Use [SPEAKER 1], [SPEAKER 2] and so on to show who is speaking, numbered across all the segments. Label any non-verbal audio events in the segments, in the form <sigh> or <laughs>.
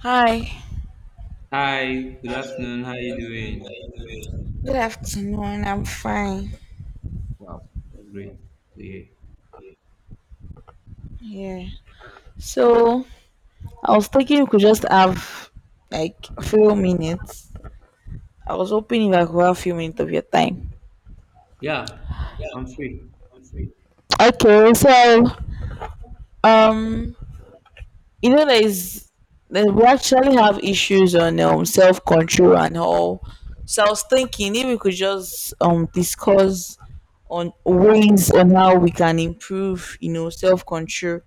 [SPEAKER 1] Hi,
[SPEAKER 2] Hi, good afternoon. How you doing?
[SPEAKER 1] good afternoon. I'm fine.
[SPEAKER 2] Wow, that's great to hear.
[SPEAKER 1] Yeah. So I was thinking we could just have like a few minutes. I was hoping if I could have a few minutes of your time.
[SPEAKER 2] Yeah, I'm free.
[SPEAKER 1] Okay, so um you know there is we actually have issues on self control and all. So I was thinking if we could just discuss on ways on how we can improve, self control,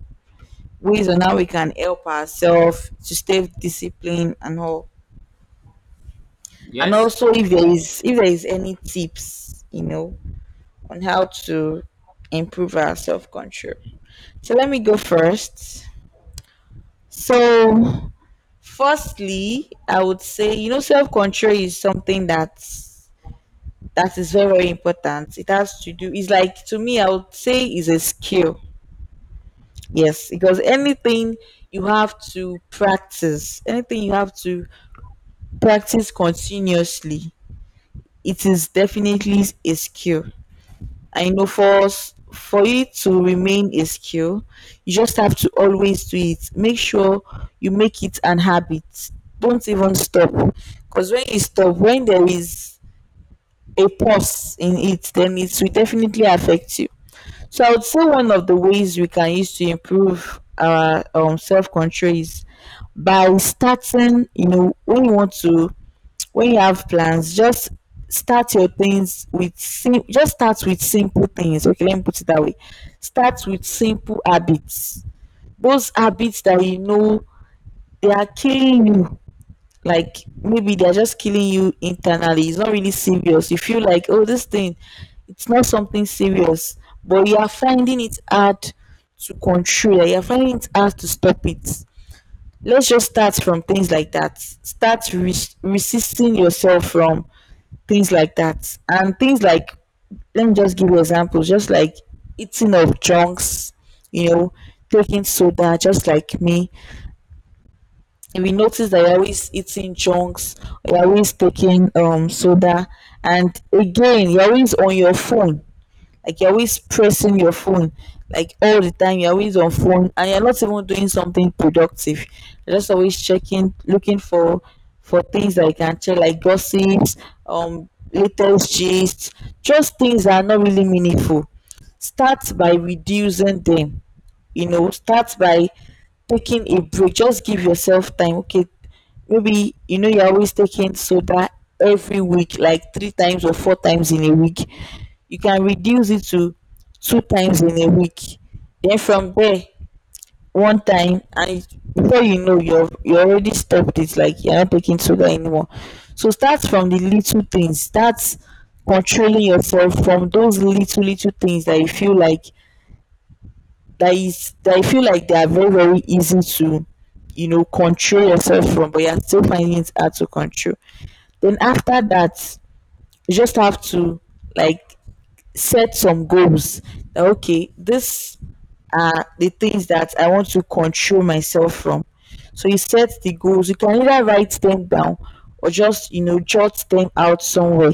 [SPEAKER 1] ways on how we can help ourselves to stay disciplined and all. And
[SPEAKER 2] Yes.
[SPEAKER 1] also, if there is any tips, on how to improve our self control. So let me go first. So, firstly, I would say self control is something that is very very important. It has to do. It's like, to me, I would say is a skill. Yes, because anything you have to practice, anything you have to practice continuously, it is definitely a skill. I know for it to remain a skill, you just have to always do it. Make sure you make it an habit. Don't even stop, because when you stop, when there is a pause in it, then it will definitely affect you. So I would say one of the ways we can use to improve our self control is by starting. You know, when you have plans, just start your things with sim- just start with simple things. Okay, let me put it that way. Start with simple habits, those habits that you know they are killing you, like maybe they're just killing you internally. It's not really serious. You feel like, oh, this thing, it's not something serious, but you are finding it hard to control it, you are finding it hard to stop it. Let's just start from things like that. Start resisting yourself from things like that. And things like, let me just give you examples, just like eating of junks, you know, taking soda, just like me. If you notice that you're always eating junks, you're always taking soda, and again, you're always on your phone, like you're always pressing your phone, like all the time you're always on phone and you're not even doing something productive. You're just always checking, looking for things that you can check, like gossips, latest gist, just things that are not really meaningful. Start by reducing them. You know, start by taking a break. Just give yourself time. Okay, maybe you know you're always taking soda every week, like three times or four times in a week. You can reduce it to two times in a week, then from there, one time, and before you know, you already stopped it, like you're not taking sugar anymore. So start from the little things. Start controlling yourself from those little little things that you feel like, they are very very easy to, you know, control yourself from, but you're still finding it hard to control. Then after that, you just have to, like, set some goals. Okay, these are the things that I want to control myself from. So you set the goals. You can either write them down or just, you know, jot them out somewhere,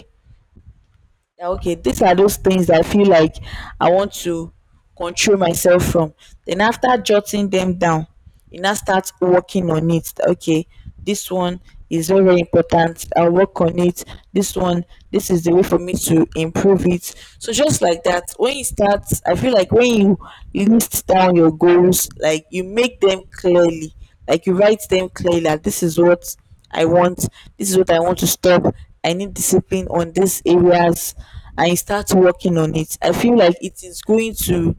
[SPEAKER 1] that, okay, these are those things that I feel like I want to control myself from. Then after jotting them down, you now start working on it. That, okay, this one is very very important, I'll work on it. This one, this is the way for me to improve it. So just like that, when you start, I feel like when you list down your goals, like you make them clearly, like you write them clearly, like this is what I want, this is what I want to stop. I need discipline on these areas and you start working on it. I feel like it is going to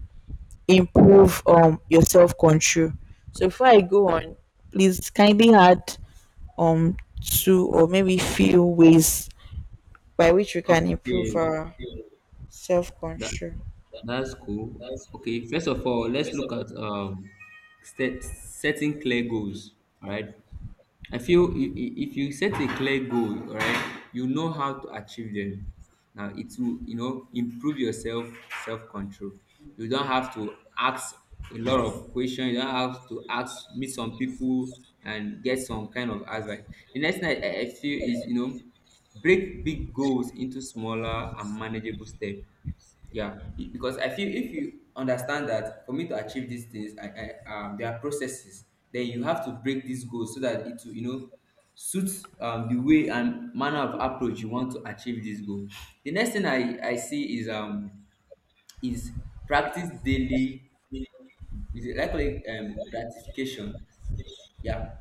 [SPEAKER 1] improve your self control. So before I go on, please kindly add two or maybe few ways by which we can
[SPEAKER 2] Okay,
[SPEAKER 1] improve our self
[SPEAKER 2] that
[SPEAKER 1] control.
[SPEAKER 2] that's cool. Okay, first of all, let's look at setting clear goals. All right. I feel if you set a clear goal, all right, you know how to achieve them. Now it will, you know, improve your self control. You don't have to ask a lot of questions. You don't have to ask meet some people and get some kind of advice. The next thing I feel is, you know, break big goals into smaller and manageable steps. Yeah, because I feel if you understand that for me to achieve these things, there are processes. Then you have to break these goals so that it will, you know, suit the way and manner of approach you want to achieve this goal. The next thing I see is is practice daily. Is it likely gratification? Yeah,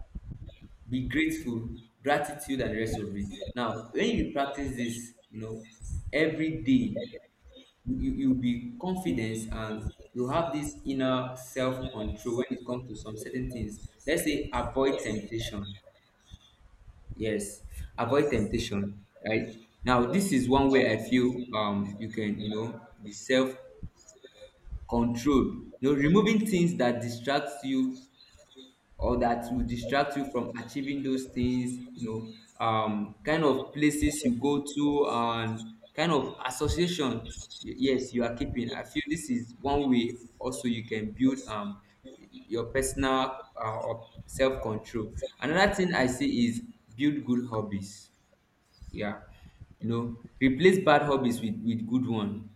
[SPEAKER 2] be grateful, gratitude, and the rest of it. Now, when you practice this, you know, every day you'll be confident and you have this inner self-control when it comes to some certain things. Let's say avoid temptation. Yes, avoid temptation, right? Now this is one way I feel you can, you know, be self-controlled, you know, removing things that distracts you or that will distract you from achieving those things, you know, kind of places you go to and kind of association. Yes, you are keeping. I feel this is one way also you can build your personal uh, self-control. Another thing I see is build good hobbies. Yeah, you know, replace bad hobbies with good one,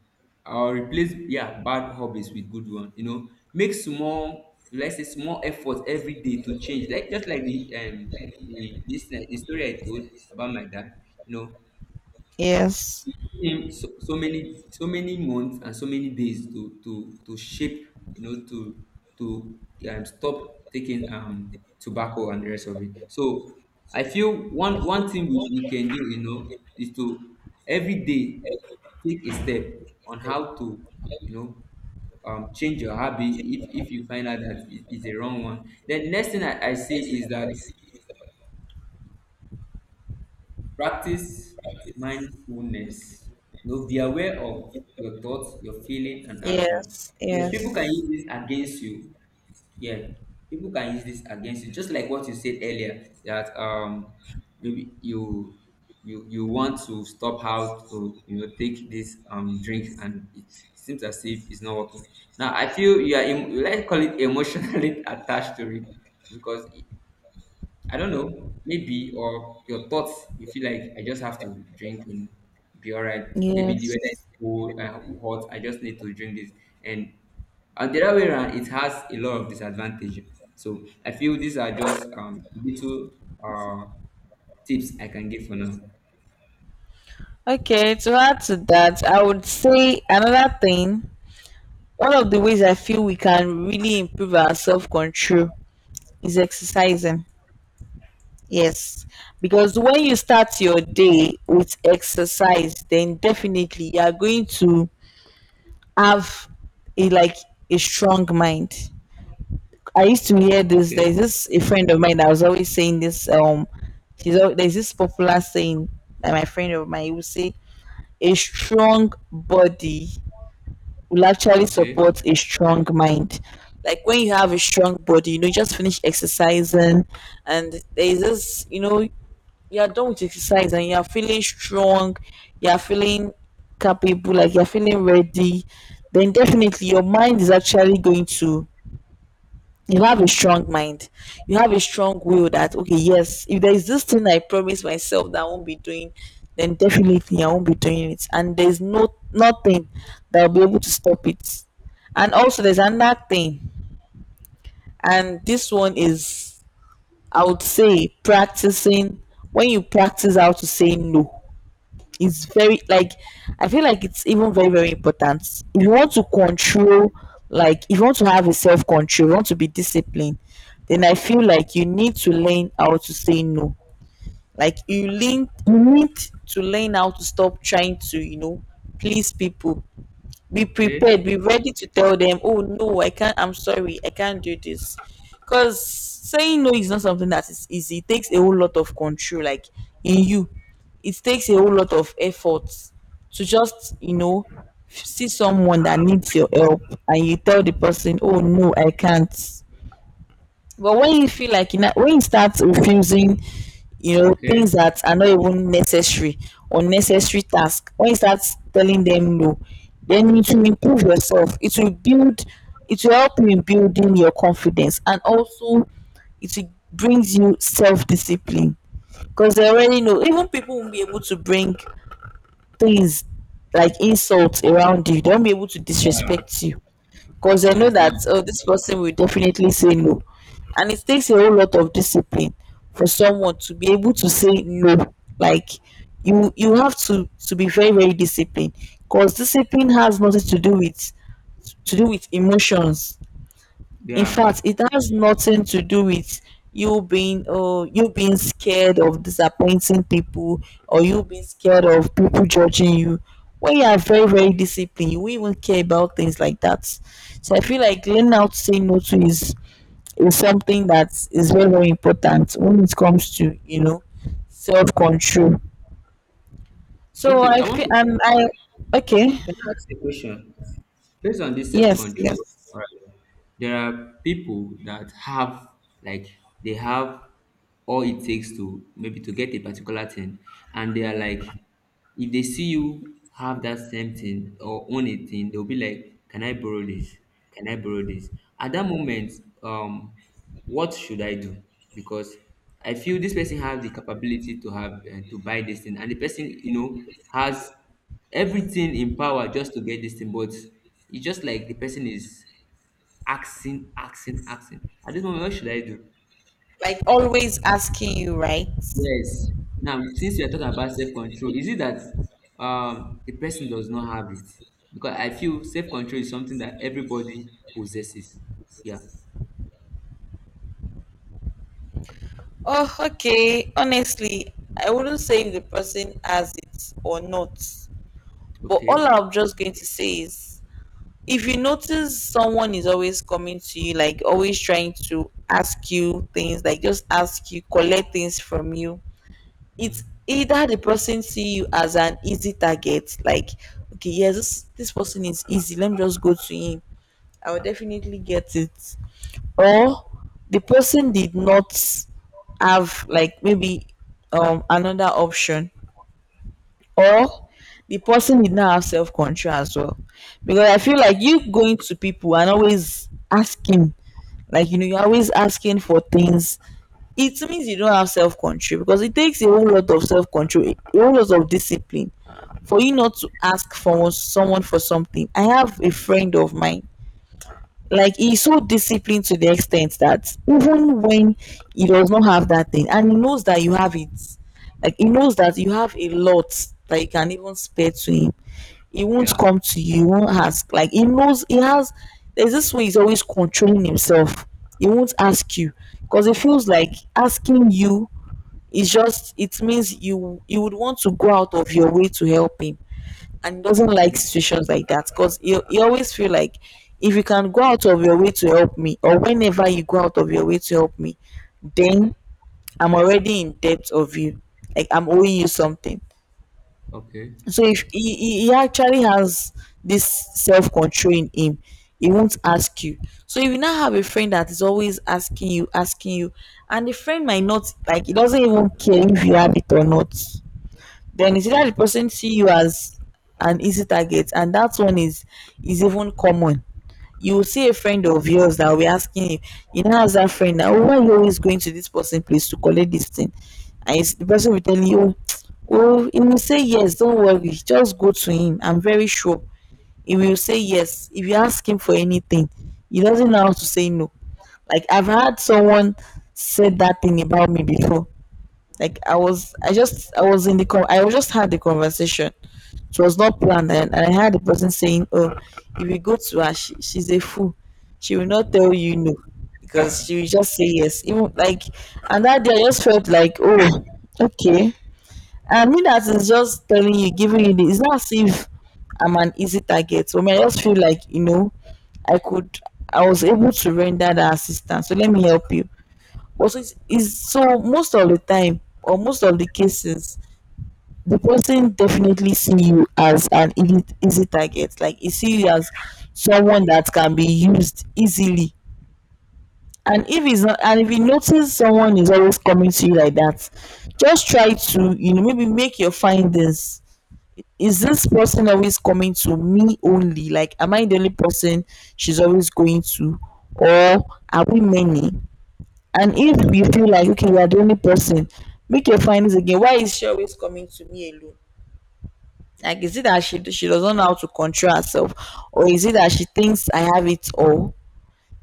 [SPEAKER 2] or replace, yeah, bad hobbies with good one, you know. Make small, let's say small effort every day to change, like just like the this the story I told about my dad, you know,
[SPEAKER 1] Yes.
[SPEAKER 2] him, so many months and so many days to to shape, you know, to to stop taking tobacco and the rest of it. So I feel one thing we can do, you know, is to every day take a step on how to, you know, change your habit if you find out that it is a wrong one. Then next thing I see is that, practice mindfulness. You know, be aware of your thoughts, your feeling, and action.
[SPEAKER 1] Yes.
[SPEAKER 2] Yeah, people can
[SPEAKER 1] Yes.
[SPEAKER 2] use this against you. Yeah, people can use this against you. Just like what you said earlier, that maybe you want to stop how to, you know, take this drink and it seems as if it's not working. Now I feel you are let's call it emotionally <laughs> attached to it, because I don't know, maybe or your thoughts. You feel like, "I just have to drink and be all right. Maybe the weather is
[SPEAKER 1] Yes.
[SPEAKER 2] cold, hot. I just need to drink this." And the other way around, it has a lot of disadvantage. So I feel these are just little uh, tips I can give for now.
[SPEAKER 1] Okay, to add to that, I would say another thing. One of the ways I feel we can really improve our self control is exercising. Yes, because when you start your day with exercise, then definitely you are going to have a, like, a strong mind. I used to hear this. There's
[SPEAKER 2] Okay,
[SPEAKER 1] this a friend of mine that was always saying this. There's this popular saying that my friend of mine would say, "A strong body will actually
[SPEAKER 2] okay,
[SPEAKER 1] support a strong mind." Like when you have a strong body, you know, you just finish exercising and there is this, you know, you are done with exercise and you are feeling strong, you are feeling capable, like you're feeling ready, then definitely your mind is actually going to, you have a strong mind, you have a strong will, that okay, yes, if there is this thing I promise myself that I won't be doing, then definitely I won't be doing it, and there's no, nothing that will be able to stop it. And also, there's another thing, and this one is, I would say, practicing. When you practice how to say no, it's very, like, I feel like it's even very very important. If you want to control, like if you want to have a self control, you want to be disciplined, then I feel like you need to learn how to say no. Like you need to learn how to stop trying to, you know, please people. Be
[SPEAKER 2] okay,
[SPEAKER 1] prepared, be ready to tell them, oh no, I can't, I'm sorry, I can't do this. Because saying no is not something that is easy. It takes a whole lot of control, like in you. It takes a whole lot of effort to just, you know, see someone that needs your help and you tell the person, oh no, I can't. But when you feel like, when you start refusing,
[SPEAKER 2] okay.
[SPEAKER 1] things that are not even necessary or necessary tasks, when you start telling them no, then it will improve yourself. It will build, it will help you in building your confidence, and also it will brings you self discipline, because they already know, even people won't be able to bring things like insults around you, they won't be able to
[SPEAKER 2] Yeah,
[SPEAKER 1] disrespect you, because I
[SPEAKER 2] you
[SPEAKER 1] know that,
[SPEAKER 2] understand?
[SPEAKER 1] oh, this person will definitely say no. And it takes a whole lot of discipline for someone to be able to say no. Like you have to be very very disciplined, because discipline has nothing to do with emotions. In
[SPEAKER 2] Yeah.
[SPEAKER 1] fact, it has nothing to do with you being scared of disappointing people, or you being scared of people judging you. When you are very, very disciplined, you won't even care about things like that. So I feel like learning how to say no to is something that is very, very important when it comes to, self control. So
[SPEAKER 2] Okay,
[SPEAKER 1] I
[SPEAKER 2] I want
[SPEAKER 1] feel
[SPEAKER 2] to,
[SPEAKER 1] and I, okay.
[SPEAKER 2] can I ask a question based on this
[SPEAKER 1] Yes,
[SPEAKER 2] self-control?
[SPEAKER 1] yes.
[SPEAKER 2] All right. There are people that have, like they have all it takes to maybe to get a particular thing, and they are like, if they see you have that same thing or own a thing, they'll be like, "Can I borrow this? Can I borrow this?" At that moment, um what should I do? Because I feel this person has the capability to have to buy this thing, and the person, you know, has everything in power just to get this thing, but it's just like the person is asking, asking, asking. At this moment, what should I do?
[SPEAKER 1] Like always asking you, right?
[SPEAKER 2] Yes. Now, since you are talking about self-control, is it that the person does not have it? Because I feel self-control is something that everybody possesses. Yeah.
[SPEAKER 1] Oh, okay. Honestly, I wouldn't say if the person has it or not. But all
[SPEAKER 2] Okay.
[SPEAKER 1] I'm just going to say is, if you notice someone is always coming to you, like always trying to ask you things, like just ask you, collect things from you, it's
[SPEAKER 2] Mm.
[SPEAKER 1] either the person see you as an easy target, like, okay, yes, this person is easy, let me just go to him. I will definitely get it, or the person did not have, like, maybe another option, or the person did not have self-control as well, because I feel
[SPEAKER 2] Okay.
[SPEAKER 1] like you going to people and always asking, like, you're always asking for things. It means you don't have self-control, because it takes a whole lot of self-control, a whole lot of discipline, for you not to ask for someone for something. I have a friend of mine, like he's so disciplined, to the extent that even when he does not have that thing and he knows that you have it, like he knows that you have a lot that you can even spare to him, he won't
[SPEAKER 2] Yeah.
[SPEAKER 1] come to you, he won't ask. Like he knows he has, there's this way he's always controlling himself. He won't ask you because it feels like asking you is just it means you would want to go out of your way to help him, and he doesn't like
[SPEAKER 2] Okay.
[SPEAKER 1] situations like that because you always feel like if you can go out of your way to help me, or whenever you go out of your way to help me, then I'm already in debt of you, like I'm owing you something.
[SPEAKER 2] Okay.
[SPEAKER 1] So if he actually has this self-control in him, he won't ask you. So if you now have a friend that is always asking you, and the friend might not like he doesn't even care if you have it or not, then it's see that the
[SPEAKER 2] Okay.
[SPEAKER 1] person see you as an easy target, and that one is even common. You will see a friend of yours that will be asking you, how's that friend now? Why are you always going to this person place to collect this thing? The person will tell you, oh, he will say yes, don't worry, just go to him. I'm very sure he will say yes. If you ask him for anything, he doesn't know how to say no. Like I've had someone said that thing about me before. Like I was just had the conversation. It was not planned, and I heard the person saying, "Oh, if you go to her, she's a fool. She will not tell you no because she will just say yes." Even like, and that day I just felt like, "Oh, okay." I mean, that is just telling you, giving you this. It's not as if I'm an easy target. So I mean, I just feel like, I could, I was able to render that assistance, so let me help you. Also, it's so most of the time, or most of the cases, the person definitely see you as an easy, easy target. Like he see you as someone that can be used easily. And if you notice someone is always coming to you like that, just try to maybe make your findings. Is this person always coming to me only? Like, am I the only person she's always going to, or are we many? And if you feel like okay, you are the only person, make your findings again. Why is she always coming to me alone? Like, is it that she doesn't know how to control herself, or is it that she thinks I have it all?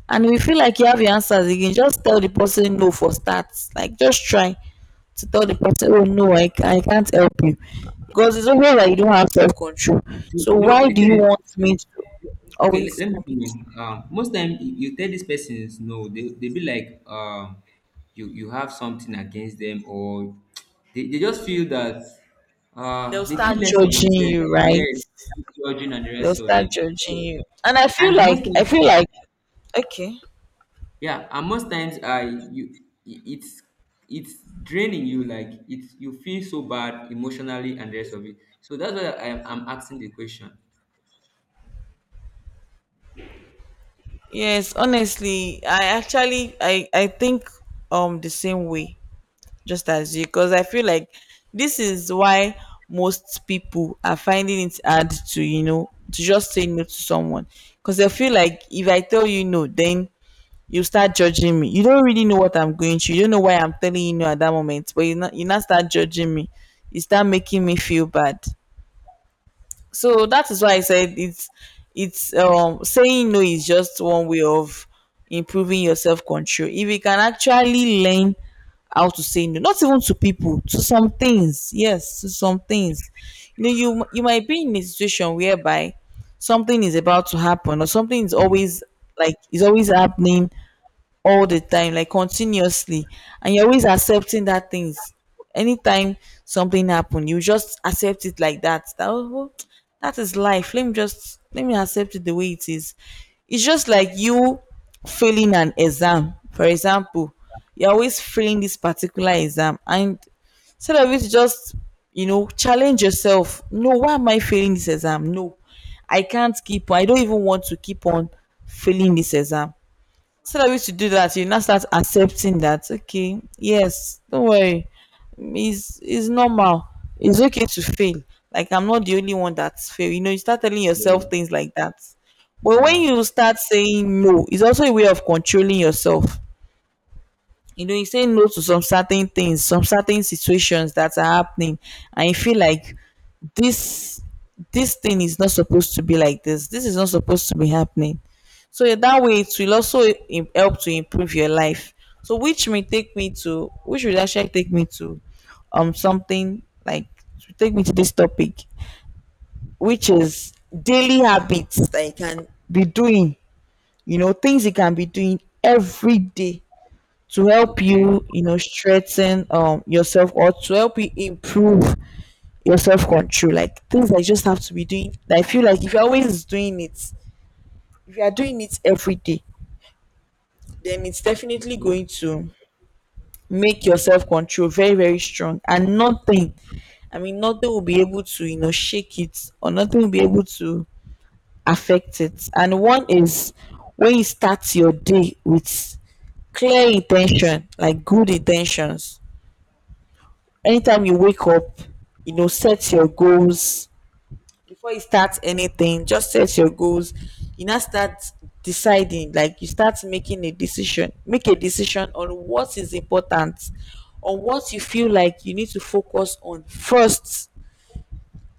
[SPEAKER 1] And if you feel like you have your answers again, just tell the person no for starts. Like, just try to tell the person, oh no, I can't help you, because it's always that you don't have self control.
[SPEAKER 2] So, you
[SPEAKER 1] So
[SPEAKER 2] know,
[SPEAKER 1] why
[SPEAKER 2] it
[SPEAKER 1] do you
[SPEAKER 2] is.
[SPEAKER 1] want me to
[SPEAKER 2] Okay,
[SPEAKER 1] always
[SPEAKER 2] let me
[SPEAKER 1] comment.
[SPEAKER 2] tell. Most time you, you tell these persons no, they be like you have something against them, or they just feel that
[SPEAKER 1] They'll
[SPEAKER 2] they
[SPEAKER 1] start
[SPEAKER 2] feel less of
[SPEAKER 1] judging
[SPEAKER 2] themselves.
[SPEAKER 1] you, right?
[SPEAKER 2] Yes, judging and the
[SPEAKER 1] They'll
[SPEAKER 2] rest of
[SPEAKER 1] start
[SPEAKER 2] it.
[SPEAKER 1] judging
[SPEAKER 2] So
[SPEAKER 1] you. And I feel
[SPEAKER 2] and most
[SPEAKER 1] like I feel
[SPEAKER 2] times,
[SPEAKER 1] like Okay.
[SPEAKER 2] yeah, and most times you i- it's it's draining you, like it's you feel so bad emotionally and the rest of it. So that's why I'm asking the question.
[SPEAKER 1] Yes, honestly, I actually, I think the same way just as you, because I feel like this is why most people are finding it hard to just say no to someone, because I feel like if I tell you no, then you start judging me. You don't really know what I'm going through. You don't know why I'm telling you no at that moment, but you not start judging me. You start making me feel bad. So that is why I said it's saying no is just one way of improving your self-control. If you can actually learn how to say no, not even to people, to some things, yes, to some things. You know you might be in a situation whereby something is about to happen, or something is always happening all the time, like continuously, and you're always accepting that things. Anytime something happen, you just accept it like that. That oh, that is life. Let me just let me accept it the way it is. It's just like you failing an exam. For example, you're always failing this particular exam, and instead of it, just challenge yourself. No, why am I failing this exam? No, I can't keep on. I don't even want to keep on failing this exam. So that we should do that you now start accepting that okay, yes, don't worry. It's normal, it's okay to fail. Like, I'm not the only one that's fail. You start telling yourself
[SPEAKER 2] Yeah.
[SPEAKER 1] things like that. But when
[SPEAKER 2] Yeah.
[SPEAKER 1] you start saying no, it's also a way of controlling yourself. He's saying no to some certain things, some certain situations that are happening, and you feel like this thing is not supposed to be like this. This is not supposed to be happening. So in that way, it will also help to improve your life. So which will actually take me to something like to take me to this topic, which is daily habits that you can be doing. Things you can be doing every day to help
[SPEAKER 2] Okay.
[SPEAKER 1] you you know strengthen yourself, or to help you improve your self-control. Like, things that you just have to be doing. I feel like if you're always doing it if you are doing it every day, then it's definitely
[SPEAKER 2] Yeah.
[SPEAKER 1] going to make your self-control very, very strong, and nothing, I mean nothing, will be able to shake it, or nothing will be able to affect it. And one is, when you start your day with clear intention, like good intentions. Anytime you wake up, set your goals before you start anything. Just set your goals. You now start deciding, like you start making a decision. Make a decision on what is important, on what you feel like you need to focus on first.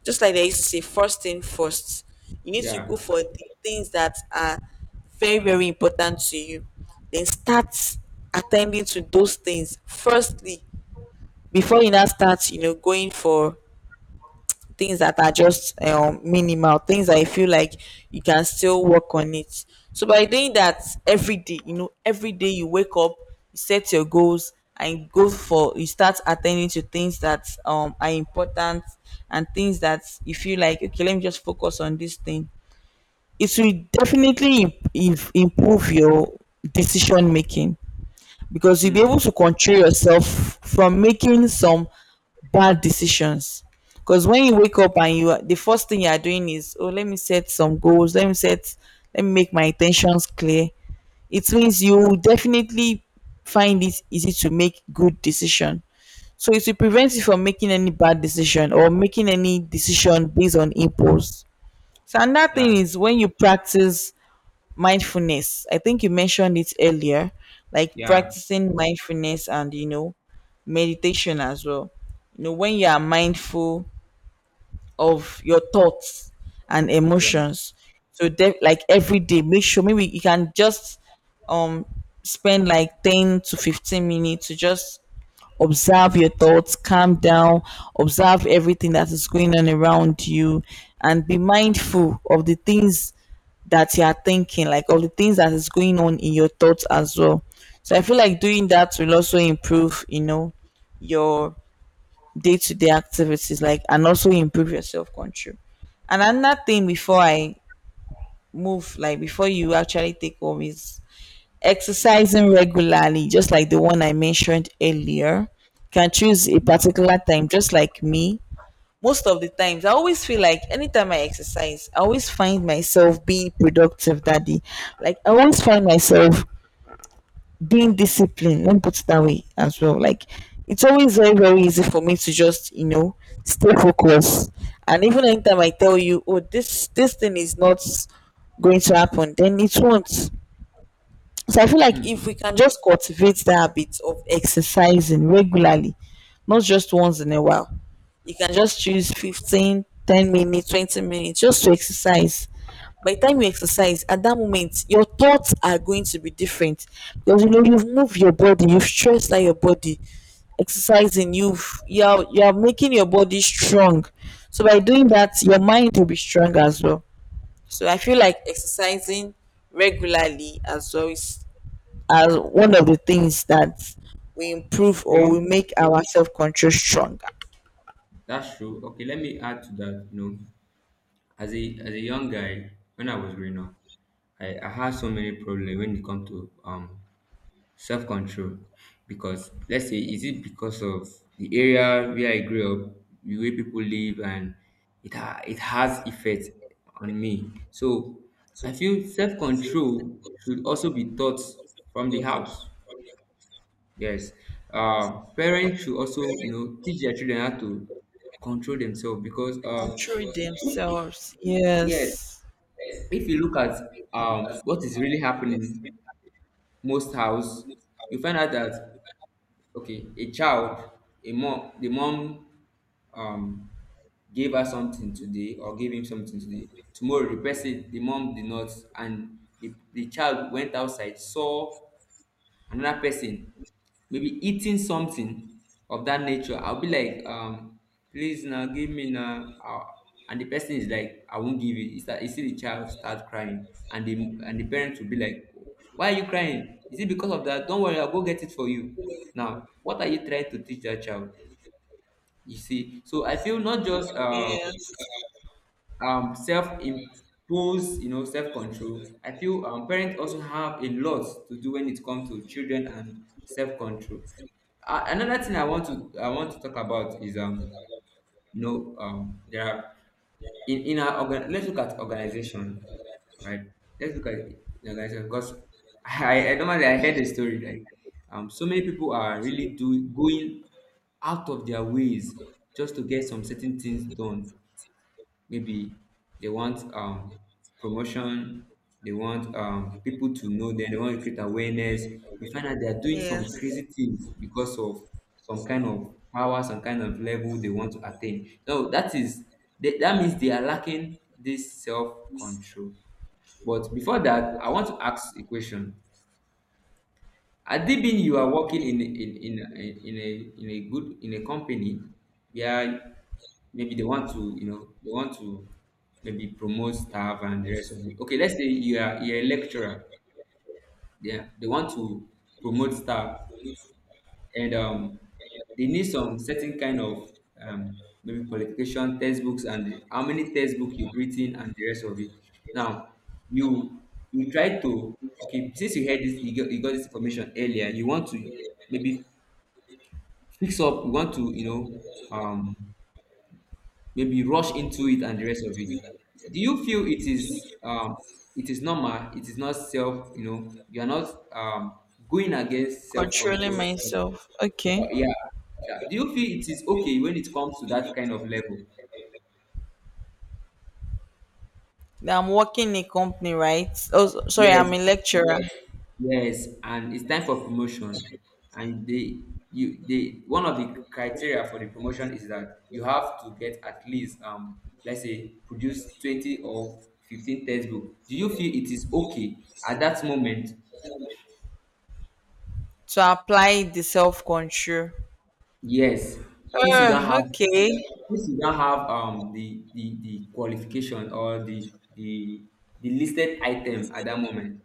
[SPEAKER 1] Just like they used to say, first thing first. You need to go
[SPEAKER 2] Yeah.
[SPEAKER 1] for the things that are very, very important to you. Then start attending to those things firstly, before you now start, going for things that are just minimal, things that I feel like you can still work on it. So by doing that every day, every day you wake up, you set your goals, and go for you start attending to things that are important, and things that you feel like okay, let me just focus on this thing. It will definitely improve your decision making, because you'll be
[SPEAKER 2] Hmm.
[SPEAKER 1] able to control yourself from making some bad decisions. Because when you wake up, the first thing you are doing is, oh, let me set some goals, let me make my intentions clear. It means you will definitely find it easy to make good decision. So it will prevent you from making any bad decision, or making any decision based on impulse. So another
[SPEAKER 2] Yeah,
[SPEAKER 1] thing is when you practice mindfulness. I think you mentioned it earlier, like
[SPEAKER 2] yeah,
[SPEAKER 1] practicing mindfulness and meditation as well. When you are mindful of your thoughts and
[SPEAKER 2] yeah.
[SPEAKER 1] emotions, so like every day, make sure maybe you can just um spend like 10 to 15 minutes to just observe your thoughts, calm down, observe everything that is going on around you, and be mindful of the things that you are thinking, like of the things that is going on in your thoughts as well. So I feel like doing that will also improve, your day to day activities, like, and also improve your self control. And another thing before I move, like before you actually take home is exercising regularly. Just like the one I mentioned earlier, can choose a particular time, just like me. Most of the times, I always feel like anytime I exercise, I always find myself being productive that day. Like, I always find myself being disciplined, let me put it that way as well. Like, it's always very, very easy for me to just, stay focused. And even anytime I tell you, oh, this thing is not going to happen, then it won't. So I feel like
[SPEAKER 2] Hmm.
[SPEAKER 1] if we can just cultivate the habit of exercising regularly, not just once in a while, you can just choose 15, 10 minutes, 20 minutes just to exercise. By the time you exercise, at that moment, your thoughts are going to be different. Because you know you've moved your body, you've stressed out your body, exercising, you're making your body strong. So by doing that, your mind will be strong as well. So I feel like exercising regularly as well is as one of the things that we improve, or we
[SPEAKER 2] Okay,
[SPEAKER 1] make our self control stronger.
[SPEAKER 2] that's true. Okay, let me add to that. You know, as a young guy, when I was growing up, I had so many problems when it comes to self control, because let's say, is it because of the area where I grew up, the way people live, and it has effect on me. So I feel self control should also be taught from the house. Yes, parents should also, you know, teach their children how to control themselves because,
[SPEAKER 1] Control
[SPEAKER 2] if-
[SPEAKER 1] themselves.
[SPEAKER 2] yes,
[SPEAKER 1] Yes.
[SPEAKER 2] if you look at what is really happening most house, you find out that, okay, a child, the mom, um, gave her something today or gave him something today. Tomorrow, the person, the mom did not, and the child went outside, saw another person may be eating something of that nature. I'll be like, "Please now give me now." And the person is like, "I won't give you." You see the child start crying, and the parent will be like, "Why are you crying? Is it because of that? Don't worry, I'll go get it for you." Now what are you trying to teach that child? You see? So I feel not just
[SPEAKER 1] Yes.
[SPEAKER 2] self impose, you know, self control. I feel parents also have a lot to do when it comes to children and self control. Uh, another thing I want to, I want to talk about is you know, there are, in our organ, let's look at organization. Right. Let's look at the organization, because <laughs> I heard a story like, so many people are really doing, going out of their ways just to get some certain things done. Maybe they want promotion, they want people to know them, they want to create awareness. You find out they are doing
[SPEAKER 1] Yes.
[SPEAKER 2] some crazy things because of some kind of power, some kind of level they want to attain. So that is, that, that means they are lacking this self-control. But before that, I want to ask a question. Had it been you are working in a good in a company. Yeah, maybe they want to, you know, they want to maybe promote staff and the rest of it. Okay, let's say you are, you're a lecturer. Yeah, they want to promote staff, and they need some certain kind of maybe qualification, textbooks, and how many textbooks you've written and the rest of it. Now you you try to, okay, since you heard this, you got this information earlier, you want to maybe fix up, you want to, you know, um maybe rush into it and the rest of it. Do you feel it is normal? It is not self, you know, you are not going against
[SPEAKER 1] Controlling
[SPEAKER 2] self-control?
[SPEAKER 1] myself. Okay.
[SPEAKER 2] Yeah, yeah. Do you feel it is okay when it comes to that kind of level?
[SPEAKER 1] Now I'm working in a company, right? Oh, sorry, I'm
[SPEAKER 2] Yes,
[SPEAKER 1] a lecturer.
[SPEAKER 2] yes, and it's time for promotion, and they, you, they, one of the criteria for the promotion is that you have to get at least let's say produce 20 or 15 textbook. Do you feel it is okay at that moment?
[SPEAKER 1] To apply the self control.
[SPEAKER 2] Yes, since you don't have
[SPEAKER 1] Okay.
[SPEAKER 2] since you don't have the qualification or the listed item at that moment.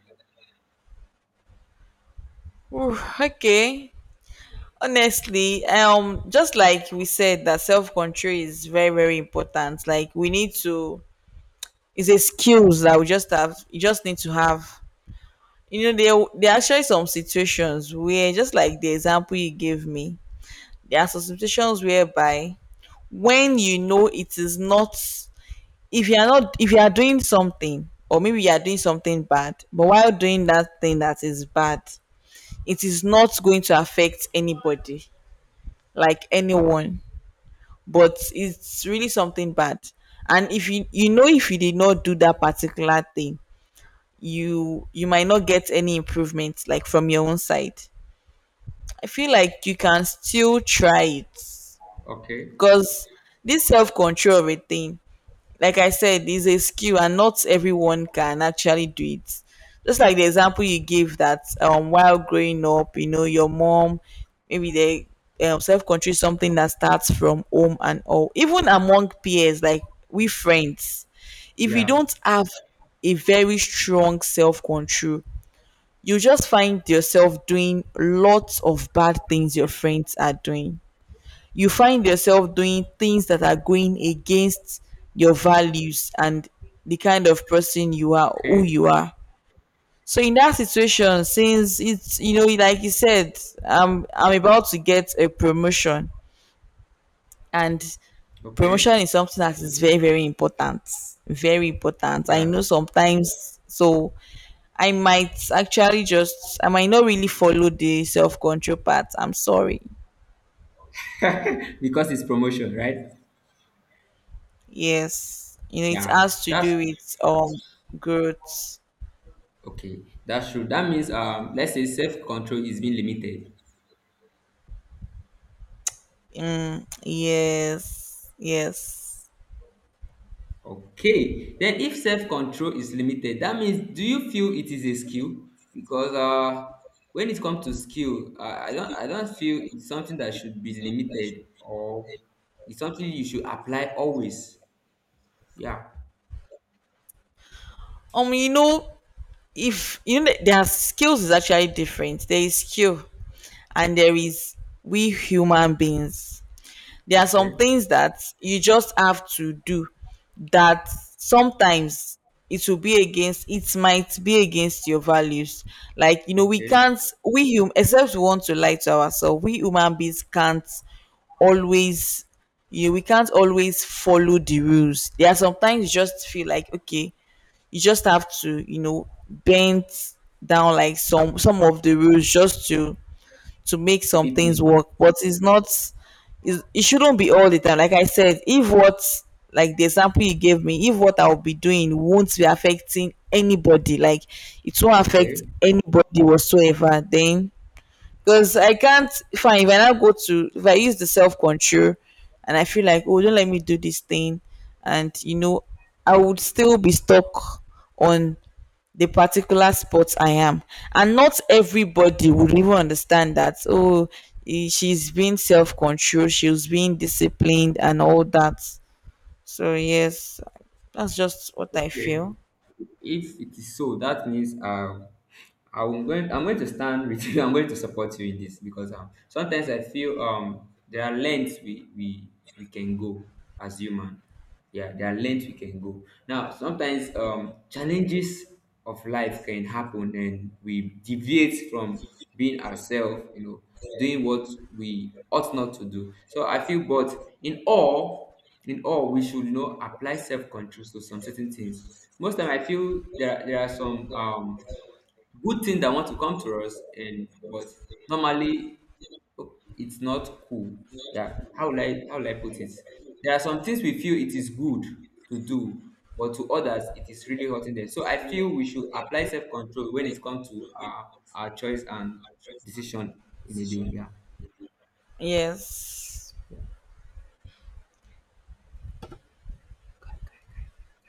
[SPEAKER 1] Ooh, okay. Honestly, just like we said, that self control is very, very important. Like we need to It's a skills that we just have you just need to have. There are actually some situations, where just like the example you gave me, there are some situations whereby when you know it is not if you are doing something, or maybe you are doing something bad, but while doing that thing that is bad, it is not going to affect anybody, like anyone, but it's really something bad. And if if you did not do that particular thing, you might not get any improvement, like from your own side. I feel like you can still try it,
[SPEAKER 2] Okay.
[SPEAKER 1] because this self-control of a thing, like I said, is a skill, and not everyone can actually do it. Just like the example you gave, that while growing up, your mom, maybe they self-control is something that starts from home, and all. Even among peers, like we friends, if we
[SPEAKER 2] Yeah.
[SPEAKER 1] don't have a very strong self-control, you just find yourself doing lots of bad things your friends are doing. You find yourself doing things that are going against your values, and the kind of person you are, who
[SPEAKER 2] Okay.
[SPEAKER 1] you are. So in that situation, since it's, like you said, I'm about to get a promotion, and
[SPEAKER 2] Okay.
[SPEAKER 1] promotion is something that is very, very important, very important, I
[SPEAKER 2] Yeah.
[SPEAKER 1] know. Sometimes, so I might not really follow the self-control part, I'm sorry.
[SPEAKER 2] <laughs> Because it's promotion, right?
[SPEAKER 1] Yes, it
[SPEAKER 2] Yeah.
[SPEAKER 1] has to
[SPEAKER 2] That's
[SPEAKER 1] do with growth.
[SPEAKER 2] okay. That's true. That means, let's say self-control is being limited.
[SPEAKER 1] Yes, yes.
[SPEAKER 2] Okay, then if self-control is limited, that means, do you feel it is a skill? Because when it comes to skill, I don't feel it's something that should be limited, or it's something you should apply always. Yeah.
[SPEAKER 1] um you know if you know there are skills is actually different. There is skill, and there is, we human beings. There are some
[SPEAKER 2] Okay.
[SPEAKER 1] things that you just have to do, that sometimes it might be against your values. Like, we
[SPEAKER 2] Okay.
[SPEAKER 1] can't, we hum except we want to lie to ourselves, we human beings can't always, you we can't always follow the rules. There are sometimes you just feel like okay, you just have to, bend down like some of the rules, just to make some things
[SPEAKER 2] Fitting.
[SPEAKER 1] work. But it's not it's, it shouldn't be all the time. Like I said, if what like the example you gave me, if what I'll be doing won't be affecting anybody, like it won't affect
[SPEAKER 2] Okay.
[SPEAKER 1] anybody whatsoever, then, because I can't fine, if I now go to if I use the self control and I feel like, oh, don't let me do this thing, and I would still be stuck on the particular spot I am. And not everybody would even understand that, oh, she's being self controlled, she's being disciplined and all that. So yes, that's just what I
[SPEAKER 2] Okay.
[SPEAKER 1] feel.
[SPEAKER 2] If it is so, that means I'm going to stand with you. <laughs> I'm going to support you in this, because sometimes I feel there are lengths we can go as human. Yeah, there are lengths we can go. Now sometimes challenges of life can happen and we deviate from being ourselves, you know, doing what we ought not to do. So I feel, but in all, in all, we should, you know, apply self-control to some certain things. Most time I feel there are some good thing that want to come to us, and but normally it's not cool. Yeah, how will I, how will I put it? There are some things we feel it is good to do, but to others it is really hurting them. So I feel we should apply self-control when it comes to our choice and decision in a day. Yeah.
[SPEAKER 1] Yes.